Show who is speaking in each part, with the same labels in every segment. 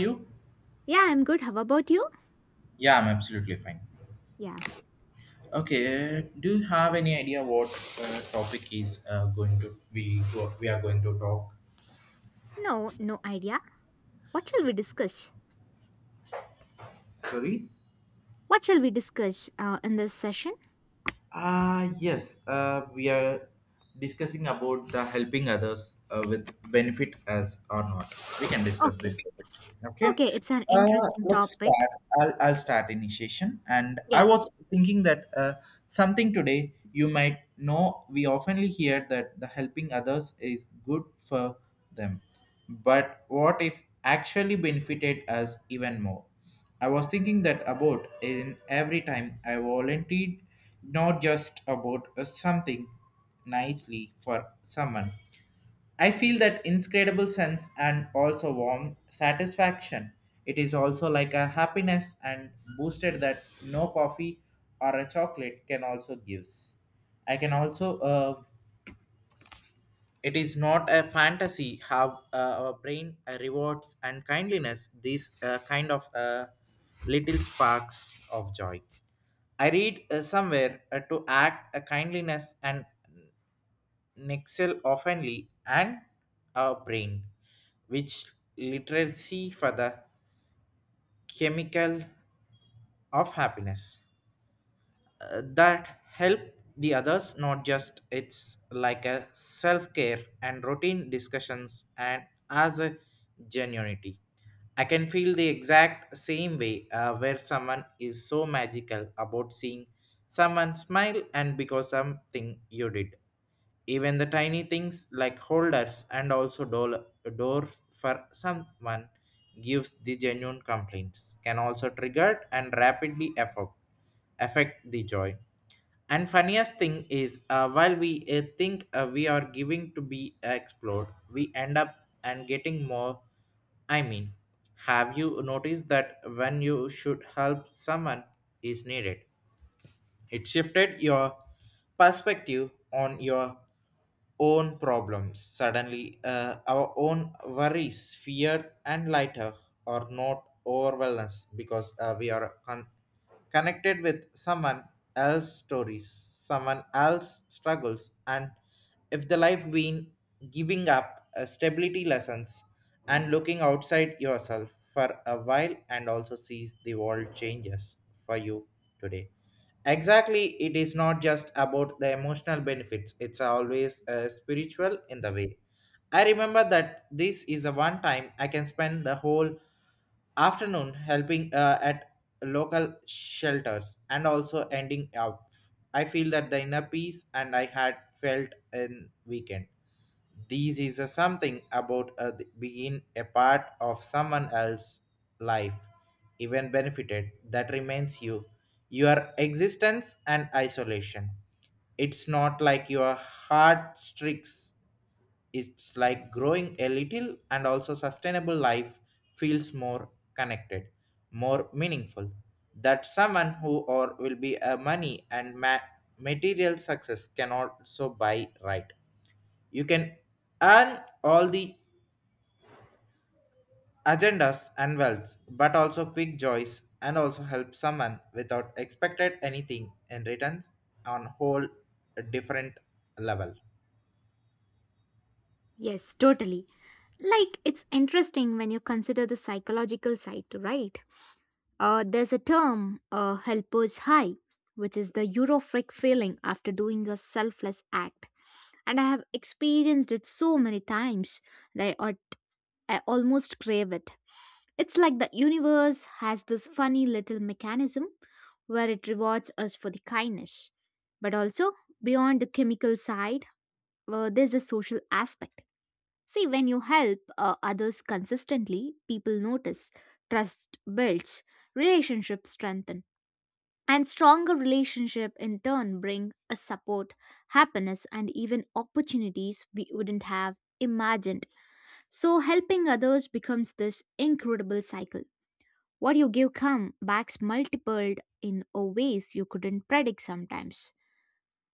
Speaker 1: You?
Speaker 2: Yeah, I'm good. How about you?
Speaker 1: Yeah, I'm absolutely fine.
Speaker 2: Yeah.
Speaker 1: Okay, do you have any idea what topic is going to we are going to talk?
Speaker 2: No, no idea. What shall we discuss?
Speaker 1: Sorry.
Speaker 2: What shall we discuss in this session?
Speaker 1: Ah, yes. We are discussing about the helping others with benefit as or not. We can discuss
Speaker 2: Okay.
Speaker 1: this. Topic. Okay.
Speaker 2: Okay, it's an
Speaker 1: Uh,
Speaker 2: interesting
Speaker 1: let's
Speaker 2: topic.
Speaker 1: start. I'll start initiation. And I
Speaker 2: Yeah.
Speaker 1: was thinking that something today you might know. We oftenly hear that the helping others is good for them, but what if actually benefited us even more? I was thinking that about in every time I volunteered, not just about something nicely for someone. I feel that incredible sense and also warm satisfaction. It is also like a happiness and boosted that no coffee or a chocolate can also gives. I can also it is not a fantasy how our brain rewards and kindliness these kind of little sparks of joy. I read somewhere to act a kindliness and nexel oftenly and our brain, which literacy for the chemical of happiness. That help the others, not just it's like a self-care and routine discussions and as a genuinity. I can feel the exact same way where someone is so magical about seeing someone smile and because something you did, even the tiny things like holders and also door for someone gives the genuine complaints can also trigger and rapidly affect the joy. And funniest thing is, while we think we are giving to be explored, we end up and getting more. I mean, have you noticed that when you should help someone is needed, it shifted your perspective on your own problems. Suddenly, our own worries, fear, and lighter are not overwhelmed because we are connected with someone else's stories, someone else's struggles, and if the life been giving up stability lessons and looking outside yourself for a while and also sees the world changes for you today. Exactly, it is not just about the emotional benefits, it's always spiritual in the way. I remember that this is the one time I can spend the whole afternoon helping at local shelters and also ending up. I feel that the inner peace and I had felt in weekend. This is a something about a being a part of someone else's life, even benefited, that remains you, your existence and isolation. It's not like your heart stricks, it's like growing a little and also sustainable life feels more connected, more meaningful. That someone who or will be a money and material success can also buy, right? You can earn all the agendas and wealth, but also quick joys and also help someone without expected anything in returns on whole different level.
Speaker 2: Yes, totally. Like, it's interesting when you consider the psychological side, right? There's a term, helper's high, which is the euphoric feeling after doing a selfless act. And I have experienced it so many times that I almost crave it. It's like the universe has this funny little mechanism where it rewards us for the kindness. But also, beyond the chemical side, there's the social aspect. See, when you help others consistently, people notice, trust builds, relationships strengthen, and stronger relationship in turn bring a support, happiness, and even opportunities we wouldn't have imagined. So helping others becomes this incredible cycle what you give come backs multiplied in a ways you couldn't predict sometimes.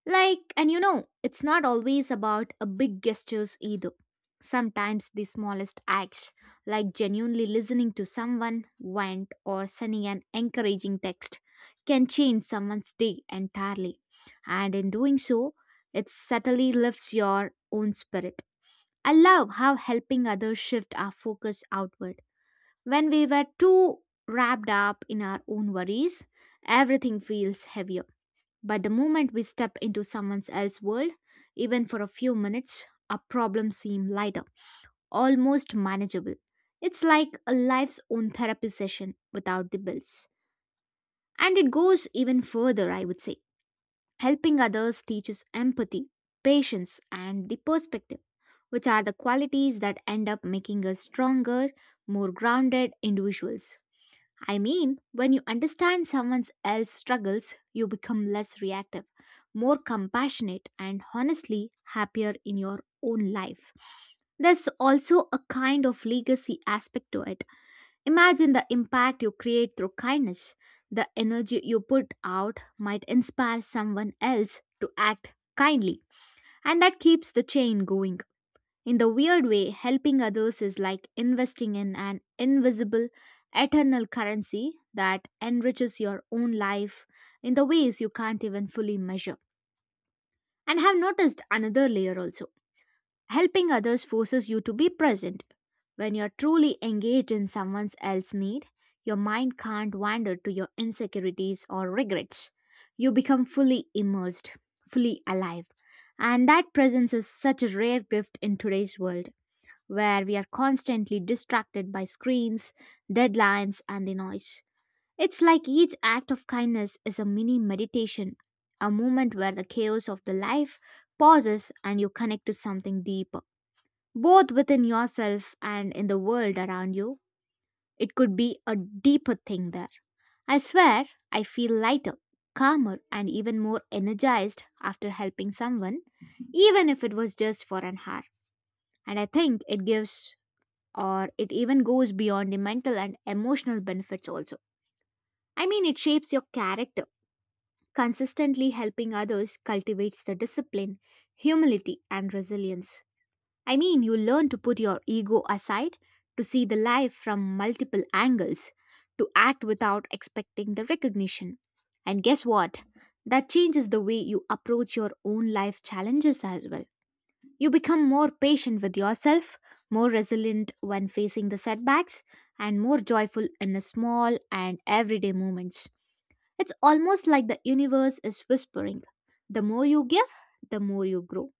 Speaker 2: Like, and you know, it's not always about a big gestures either. Sometimes the smallest acts, like genuinely listening to someone, vent, or sending an encouraging text, can change someone's day entirely. And in doing so, it subtly lifts your own spirit. I love how helping others shift our focus outward when we were too wrapped up in our own worries, everything feels heavier. But the moment we step into someone else's world, even for a few minutes, our problems seem lighter, almost manageable. It's like a life's own therapy session without the bills. And it goes even further, I would say. Helping others teaches empathy, patience, and the perspective, which are the qualities that end up making us stronger, more grounded individuals. I mean, when you understand someone else's struggles, you become less reactive, more compassionate, and honestly happier in your own life. There's also a kind of legacy aspect to it. Imagine the impact you create through kindness. The energy you put out might inspire someone else to act kindly, and that keeps the chain going. In the weird way, helping others is like investing in an invisible, eternal currency that enriches your own life in the ways you can't even fully measure. And have noticed another layer also. Helping others forces you to be present. When you're truly engaged in someone else's need, your mind can't wander to your insecurities or regrets. You become fully immersed, fully alive. And that presence is such a rare gift in today's world where we are constantly distracted by screens, deadlines, and the noise. It's like each act of kindness is a mini meditation, a moment where the chaos of the life pauses and you connect to something deeper, both within yourself and in the world around you. It could be a deeper thing there. I swear, I feel lighter, calmer, and even more energized after helping someone, even if it was just for an hour. And I think it gives or it even goes beyond the mental and emotional benefits also. I mean, it shapes your character. Consistently helping others cultivates the discipline, humility, and resilience. I mean, you learn to put your ego aside, to see the life from multiple angles, to act without expecting the recognition. And guess what? That changes the way you approach your own life challenges as well. You become more patient with yourself, more resilient when facing the setbacks, and more joyful in the small and everyday moments. It's almost like the universe is whispering the more you give, the more you grow.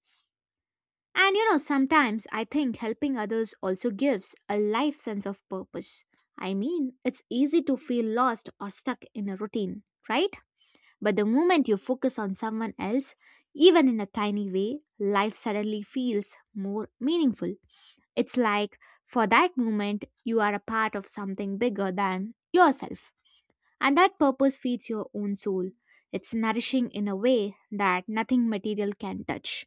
Speaker 2: And you know, sometimes I think helping others also gives a life sense of purpose. I mean, it's easy to feel lost or stuck in a routine, right? But the moment you focus on someone else, even in a tiny way, life suddenly feels more meaningful. It's like for that moment, you are a part of something bigger than yourself, and that purpose feeds your own soul. It's nourishing in a way that nothing material can touch.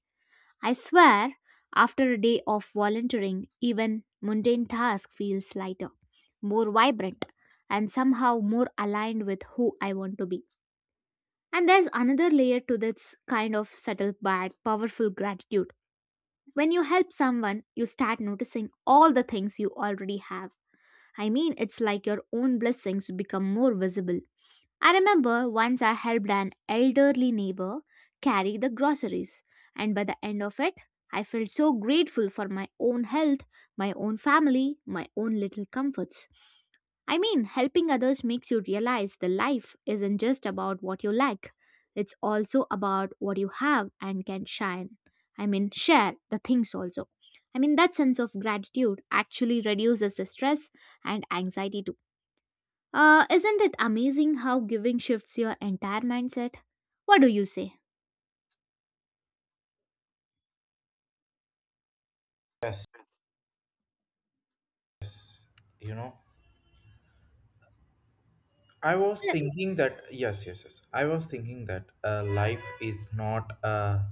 Speaker 2: I swear, after a day of volunteering, even mundane task feels lighter, more vibrant, and somehow more aligned with who I want to be. And there's another layer to this kind of subtle but powerful gratitude. When you help someone, you start noticing all the things you already have. I mean, it's like your own blessings become more visible. I remember once I helped an elderly neighbor carry the groceries, and by the end of it, I felt so grateful for my own health, my own family, my own little comforts. I mean, helping others makes you realize the life isn't just about what you lack, it's also about what you have and can shine. I mean, share the things also. I mean, that sense of gratitude actually reduces the stress and anxiety too. Isn't it amazing how giving shifts your entire mindset? What do you say?
Speaker 1: You know, I was thinking that yes, yes, yes. I was thinking that life is not a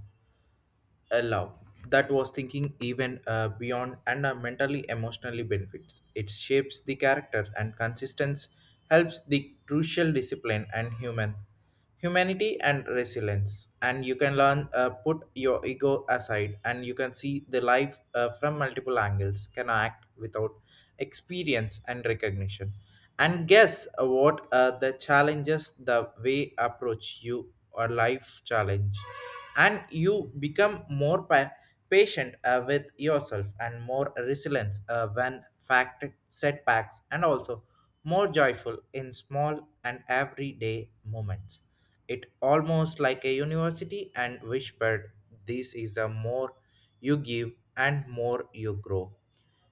Speaker 1: allow that was thinking even beyond and mentally emotionally benefits, it shapes the character and consistency helps the crucial discipline and humanity and resilience, and you can learn put your ego aside and you can see the life from multiple angles, can act without experience and recognition. And guess what, the challenges the way approach you or life challenge. And you become more patient with yourself and more resilient when fact setbacks and also more joyful in small and everyday moments. It almost like a university and whispered, this is a more you give and more you grow.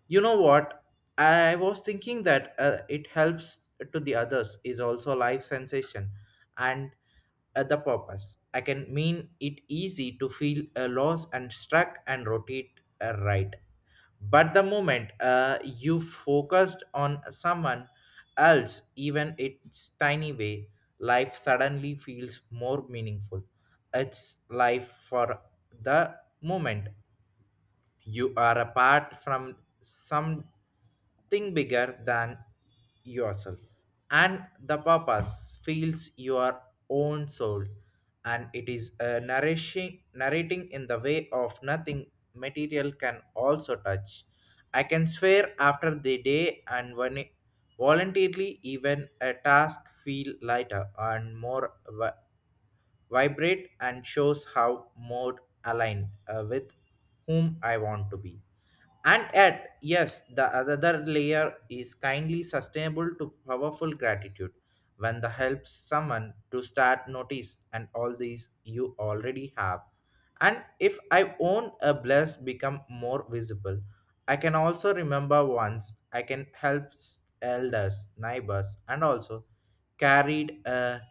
Speaker 1: You know what? I was thinking that it helps to the others is also life sensation and the purpose. I can mean it easy to feel a loss and struck and rotate, right. But the moment you focused on someone else, even its tiny way, life suddenly feels more meaningful. It's life for the moment you are apart from something bigger than yourself. And the purpose feels your own soul, and it is a nourishing, narrating in the way of nothing material can also touch. I can swear, after the day and when voluntarily, even a task feel lighter and more vibrate and shows how more aligned with whom I want to be. And yet, yes, the other layer is kindly sustainable to powerful gratitude when the helps someone to start notice and all these you already have. And if I own a bless become more visible, I can also remember once I can help elders, neighbors, and also carried a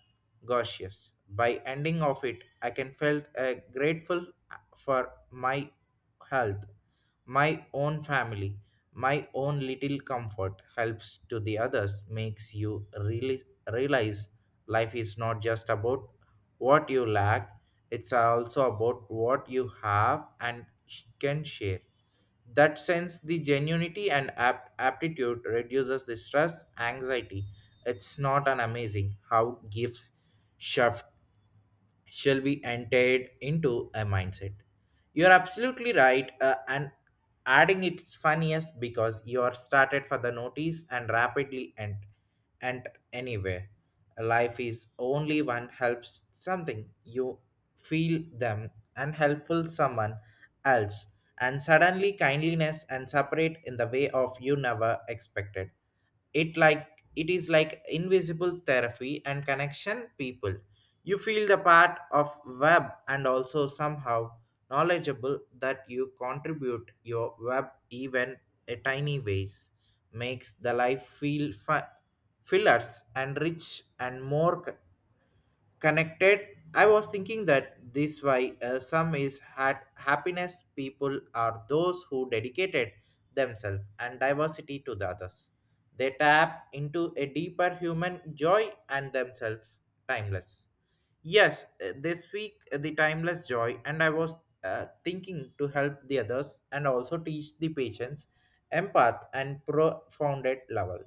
Speaker 1: gaseous. By ending of it, I can felt grateful for my health, my own family, my own little comfort, helps to the others makes you really realize life is not just about what you lack, it's also about what you have and can share. That sense the genuinity and aptitude reduces the stress anxiety. It's not an amazing how gift shift shall be entered into a mindset. You're absolutely right, and adding it's funniest because you are started for the notice and rapidly and anywhere. Life is only one helps something you feel them and helpful someone else, and suddenly kindliness and separate in the way of you never expected. It like it is like invisible therapy and connection people. You feel the part of web and also somehow knowledgeable that you contribute your web even a tiny ways makes the life feel fillers and rich and more connected. I was thinking that this why some is had happiness people are those who dedicated themselves and diversity to the others. They tap into a deeper human joy and themselves timeless. Yes, this week, the timeless joy. And I was thinking to help the others and also teach the patients, empath and profounded level.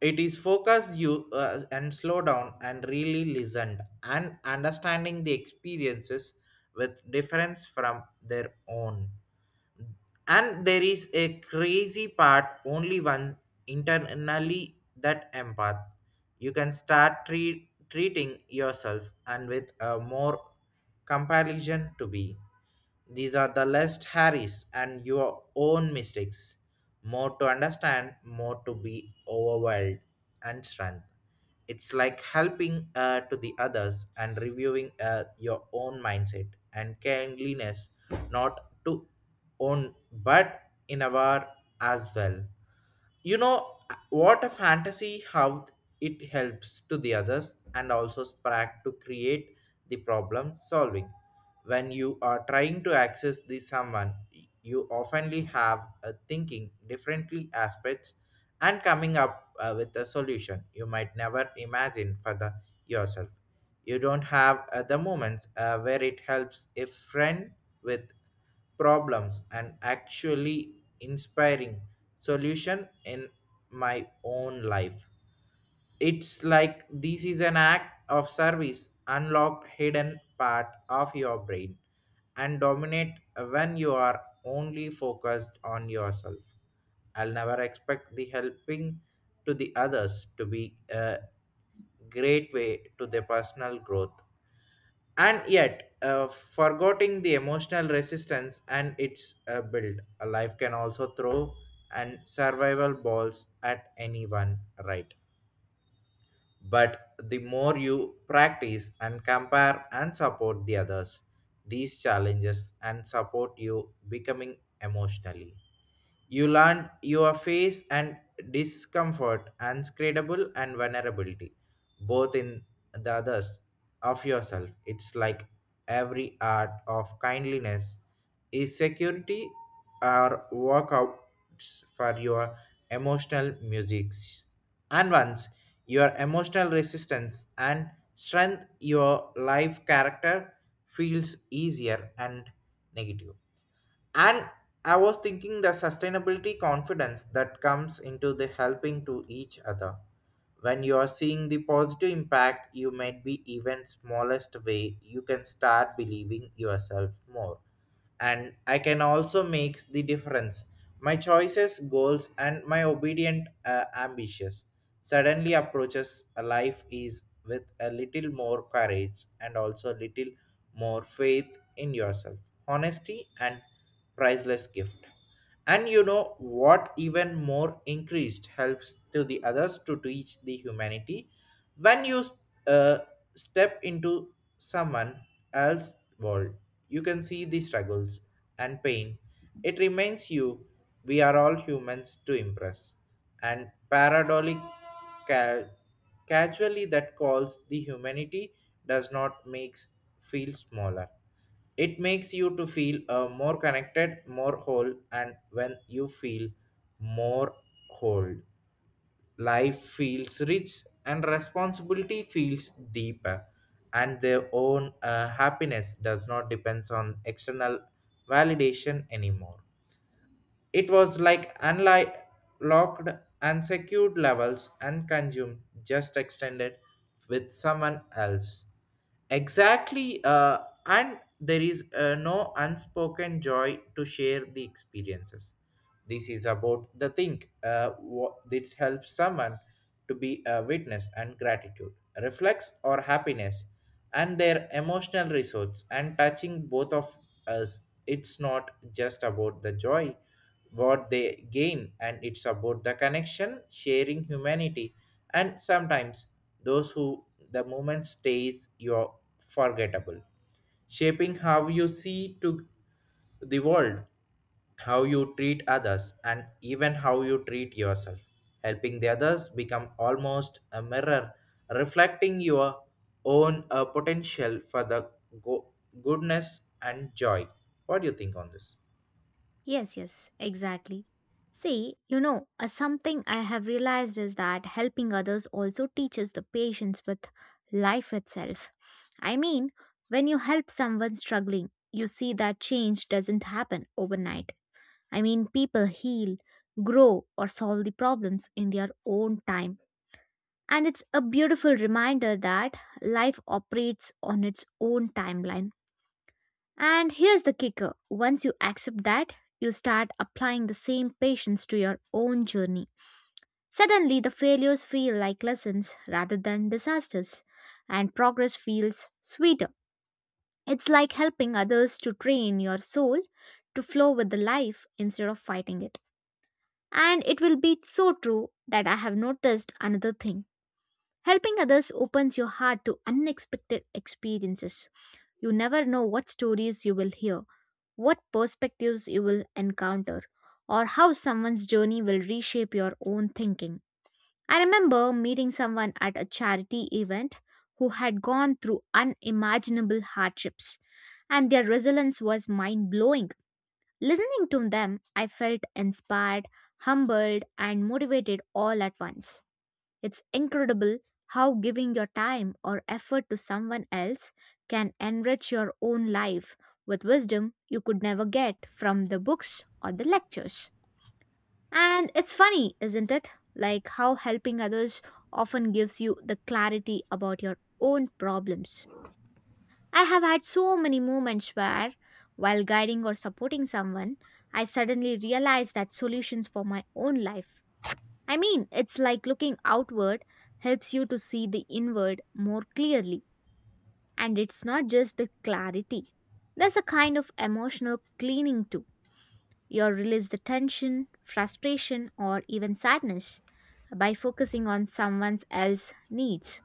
Speaker 1: It is focused you and slow down and really listened and understanding the experiences with difference from their own. And there is a crazy part, only one internally that empath. You can start treating yourself and with a more comparison to be. These are the less Harris and your own mistakes. More to understand, more to be overwhelmed and strength. It's like helping to the others and reviewing your own mindset and kindliness, not to own but in a war as well. You know what a fantasy how it helps to the others and also sprack to create the problem solving. When you are trying to access the someone, you oftenly have a thinking differently aspects and coming up with a solution you might never imagine for the yourself. You don't have the moments where it helps a friend with problems and actually inspiring solution in my own life. It's like this is an act of service unlocked hidden part of your brain and dominate when you are only focused on yourself. I'll never expect the helping to the others to be a great way to their personal growth. And yet, forgetting the emotional resistance, and its build a life can also throw and survival balls at anyone, right? But the more you practice and compare and support the others, these challenges and support you becoming emotionally, you learn your face and discomfort, unscredible and vulnerability, both in the others of yourself. It's like every art of kindliness is security or workouts for your emotional musics. And once your emotional resistance and strength, your life character feels easier and negative. And I was thinking the sustainability confidence that comes into the helping to each other. When you are seeing the positive impact, you might be even smallest way, you can start believing yourself more. And I can also make the difference. My choices, goals, and my obedient ambitious suddenly approaches a life is with a little more courage and also little more faith in yourself, honesty, and priceless gift. And you know what, even more increased helps to the others to teach the humanity. When you uh, step into someone else's world, you can see the struggles and pain. It reminds you we are all humans to impress, and paradoxically, ca- casually that calls the humanity does not makes feel smaller. It makes you to feel more connected, more whole. And when you feel more whole, life feels rich and responsibility feels deeper, and their own happiness does not depend on external validation anymore. It was like unlocked, locked, and secured levels and consumed, just extended with someone else. Exactly, and there is no unspoken joy to share the experiences. This is about the thing what this helps someone to be a witness and gratitude, reflects or happiness, and their emotional resource and touching both of us. It's not just about the joy what they gain, and it's about the connection sharing humanity. And sometimes those who the moment stays you're forgettable, shaping how you see to the world, how you treat others, and even how you treat yourself. Helping the others become almost a mirror reflecting your own potential for the go- goodness and joy. What do you think on this?
Speaker 2: Yes, yes, exactly. See, you know, something I have realized is that helping others also teaches the patience with life itself. I mean, when you help someone struggling, you see that change doesn't happen overnight. I mean, people heal, grow, or solve the problems in their own time. And it's a beautiful reminder that life operates on its own timeline. And here's the kicker once you accept that, you start applying the same patience to your own journey. Suddenly, the failures feel like lessons rather than disasters, and progress feels sweeter. It's like helping others to train your soul to flow with the life instead of fighting it. And it will be so true that I have noticed another thing. Helping others opens your heart to unexpected experiences. You never know what stories you will hear what perspectives you will encounter, or how someone's journey will reshape your own thinking. I remember meeting someone at a charity event who had gone through unimaginable hardships, and their resilience was mind blowing. Listening to them, I felt inspired, humbled, and motivated all at once. It's incredible how giving your time or effort to someone else can enrich your own life with wisdom you could never get from the books or the lectures. And it's funny, isn't it? Like how helping others often gives you the clarity about your own problems. I have had so many moments where, while guiding or supporting someone, I suddenly realized that solutions for my own life I mean, it's like looking outward helps you to see the inward more clearly. And it's not just the clarity, there's a kind of emotional cleaning too. You release the tension, frustration, or even sadness by focusing on someone else's needs.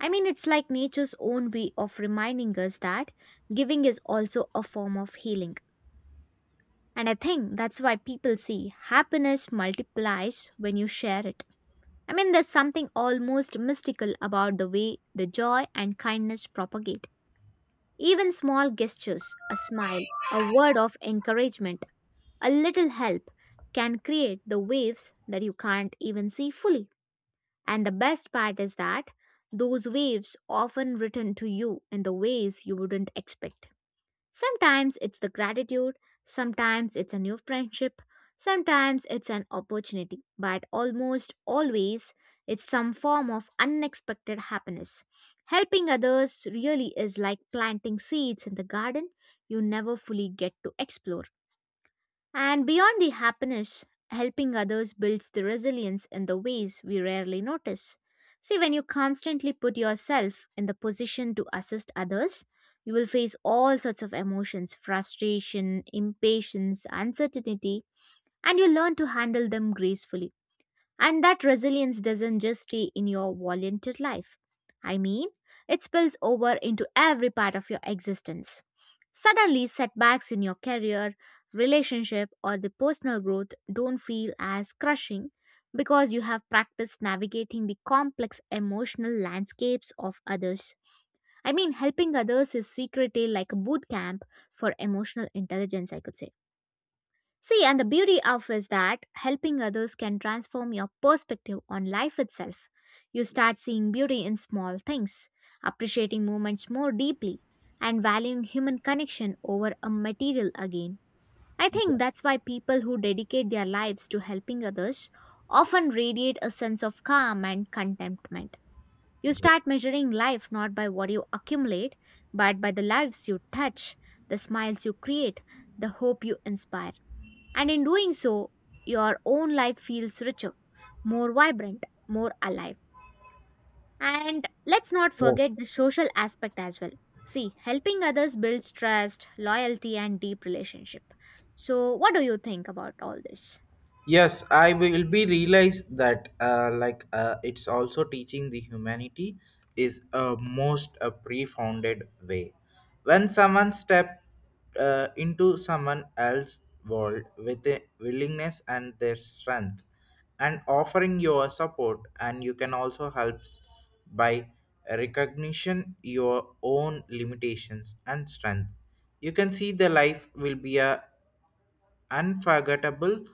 Speaker 2: I mean, it's like nature's own way of reminding us that giving is also a form of healing. And I think that's why people say happiness multiplies when you share it. I mean, there's something almost mystical about the way the joy and kindness propagate. Even small gestures, a smile, a word of encouragement, a little help can create the waves that you can't even see fully. And the best part is that those waves often return to you in the ways you wouldn't expect. Sometimes it's the gratitude, sometimes it's a new friendship, sometimes it's an opportunity, but almost always it's some form of unexpected happiness. Helping others really is like planting seeds in the garden you never fully get to explore. And beyond the happiness, helping others builds the resilience in the ways we rarely notice. See, when you constantly put yourself in the position to assist others, you will face all sorts of emotions frustration, impatience, uncertainty, and you learn to handle them gracefully. And that resilience doesn't just stay in your volunteer life. I mean, it spills over into every part of your existence. Suddenly, setbacks in your career, relationship, or the personal growth don't feel as crushing because you have practiced navigating the complex emotional landscapes of others. I mean, helping others is secretly like a boot camp for emotional intelligence, I could say. See, and the beauty of is that helping others can transform your perspective on life itself. You start seeing beauty in small things, appreciating moments more deeply, and valuing human connection over a material again. I think
Speaker 1: Yes.
Speaker 2: that's why people who dedicate their lives to helping others often radiate a sense of calm and contentment. You start measuring life not by what you accumulate, but by the lives you touch, the smiles you create, the hope you inspire. And in doing so, your own life feels richer, more vibrant, more alive. And let's not forget the social aspect as well. See, helping others builds trust, loyalty, and deep relationship. So, what do you think about all this?
Speaker 1: Yes, I will be realized that like it's also teaching the humanity is a most a pre-founded way. When someone step into someone else's world with a willingness and their strength, and offering your support, and you can also help by recognition your own limitations and strength. You can see the life will be a unforgettable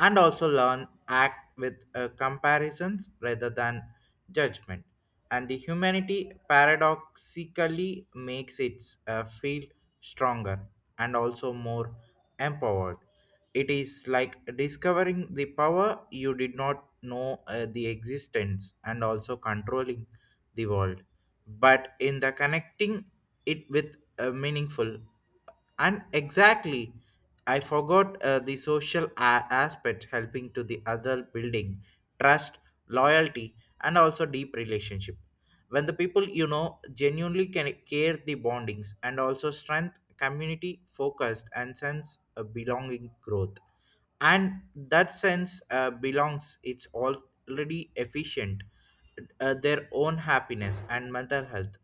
Speaker 1: and also learn act with comparisons rather than judgment. And the humanity paradoxically makes it feel stronger and also more empowered. It is like discovering the power you did not know the existence and also controlling the world but in the connecting it with a meaningful. And exactly, I forgot the social aspect helping to the other building trust, loyalty, and also deep relationship. When the people you know genuinely can care the bondings and also strength community focused and sense a belonging growth, and that sense belongs, it's already efficient their own happiness and mental health.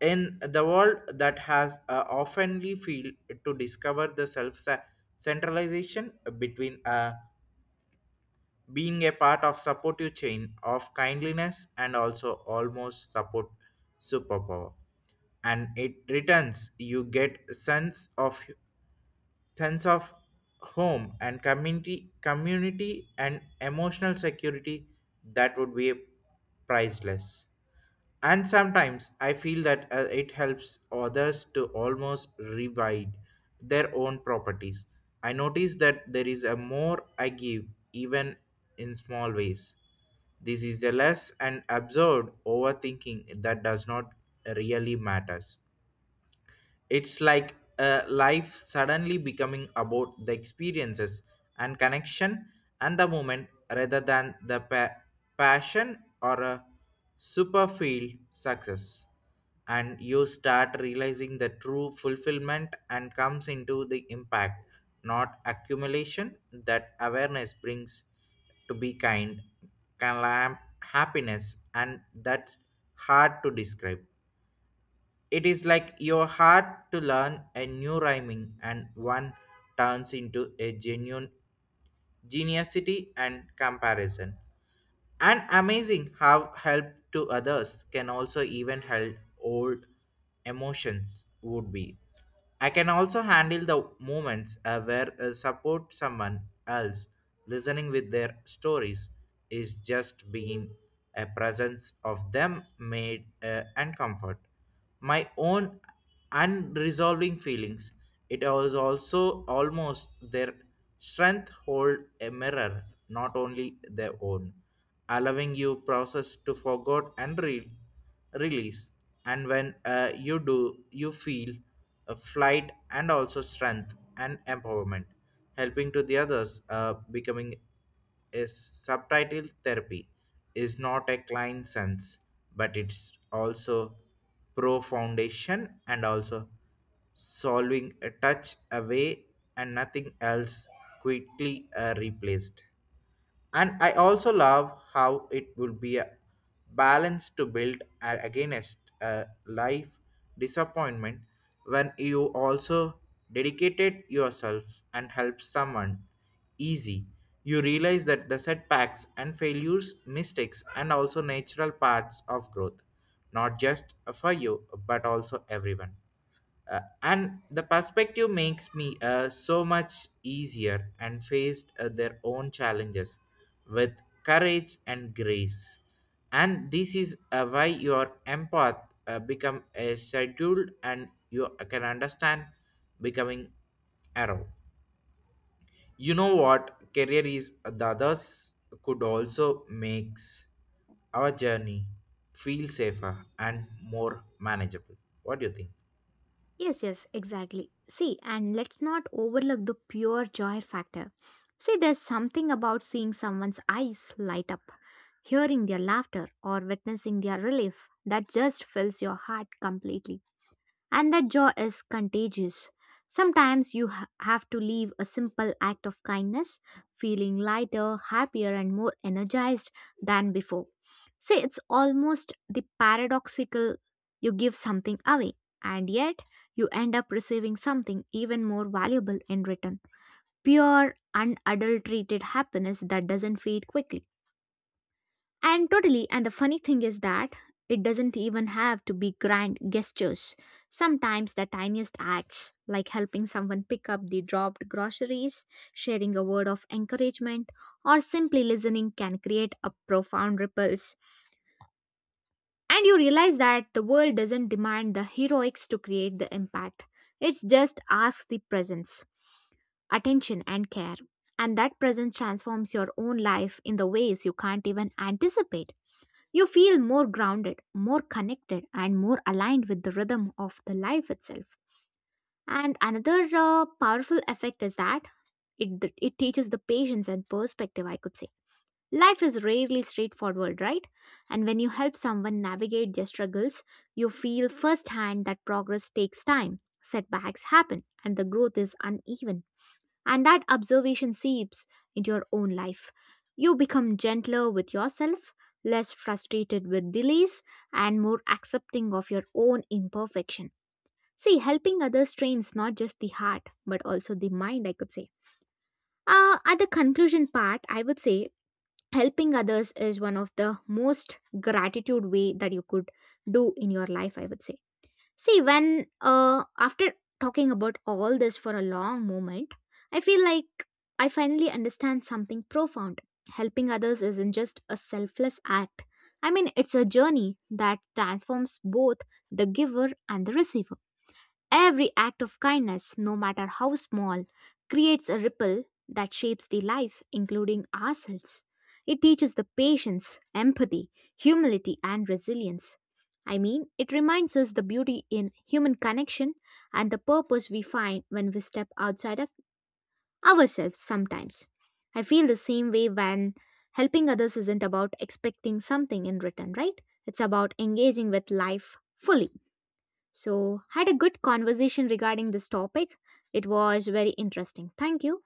Speaker 1: In the world that has oftenly failed to discover the self centralization between being a part of supportive chain of kindliness and also almost support superpower. And it returns you get sense of sense of home and community and emotional security that would be priceless. And sometimes I feel that it helps others to almost revive their own properties. I notice that there is a more I give, even in small ways, this is a less and absurd overthinking that does not really matters. It's like life suddenly becoming about the experiences and connection and the moment rather than the passion or a superficial success. And you start realizing the true fulfillment and comes into the impact, not accumulation. That awareness brings to be kind, calm, happiness, and that's hard to describe. It is like your heart to learn a new rhyming, and one turns into a genuine geniusity and comparison. And amazing how help to others can also even help old emotions would be. I can also handle the moments where support someone else, listening with their stories, is just being a presence of them made and comfort. My own unresolving feelings. It was also almost their strength hold a mirror, not only their own, allowing you process to forget and release. And when you do you feel a flight and also strength and empowerment. Helping to the others becoming a subtitle therapy is not a client sense, but it's also pro foundation and also solving a touch away, and nothing else quickly replaced. And I also love how it will be a balance to build against a life disappointment. When you also dedicated yourself and help someone easy, you realize that the setbacks and failures mistakes and also natural parts of growth, not just for you but also everyone. And the perspective makes me so much easier and faced their own challenges with courage and grace. And this is why your empath become a scheduled and you can understand becoming arrow. You know what career is the others could also makes our journey feel safer and more manageable. What do you think?
Speaker 2: Yes, yes, exactly. See, and let's not overlook the pure joy factor. See, there's something about seeing someone's eyes light up, hearing their laughter, or witnessing their relief that just fills your heart completely. And that joy is contagious. Sometimes you have to leave a simple act of kindness, feeling lighter, happier, and more energized than before. See, it's almost the paradoxical you give something away, and yet you end up receiving something even more valuable in return pure, unadulterated happiness that doesn't fade quickly. And totally, and the funny thing is that it doesn't even have to be grand gestures. Sometimes the tiniest acts, like helping someone pick up the dropped groceries, sharing a word of encouragement, or simply listening, can create a profound ripples. And you realize that the world doesn't demand the heroics to create the impact. It's just ask the presence, attention, and care. And that presence transforms your own life in the ways you can't even anticipate. You feel more grounded, more connected, and more aligned with the rhythm of the life itself. And another powerful effect is that it teaches the patience and perspective, I could say. Life is rarely straightforward, right? And when you help someone navigate their struggles, you feel firsthand that progress takes time, setbacks happen, and the growth is uneven and that observation seeps into your own life. You become gentler with yourself, less frustrated with delays, and more accepting of your own imperfection. See, helping others trains not just the heart, but also the mind, I could say. At the conclusion part, I would say helping others is one of the most gratitude way that you could do in your life, I would say. See, when after talking about all this for a long moment, I feel like I finally understand something profound. Helping others isn't just a selfless act. I mean, it's a journey that transforms both the giver and the receiver. Every act of kindness, no matter how small, creates a ripple that shapes the lives, including ourselves. It teaches the patience, empathy, humility, and resilience. I mean, it reminds us the beauty in human connection and the purpose we find when we step outside of ourselves sometimes. I feel the same way when helping others isn't about expecting something in return, right? It's about engaging with life fully. So, had a good conversation regarding this topic. It was very interesting. Thank you.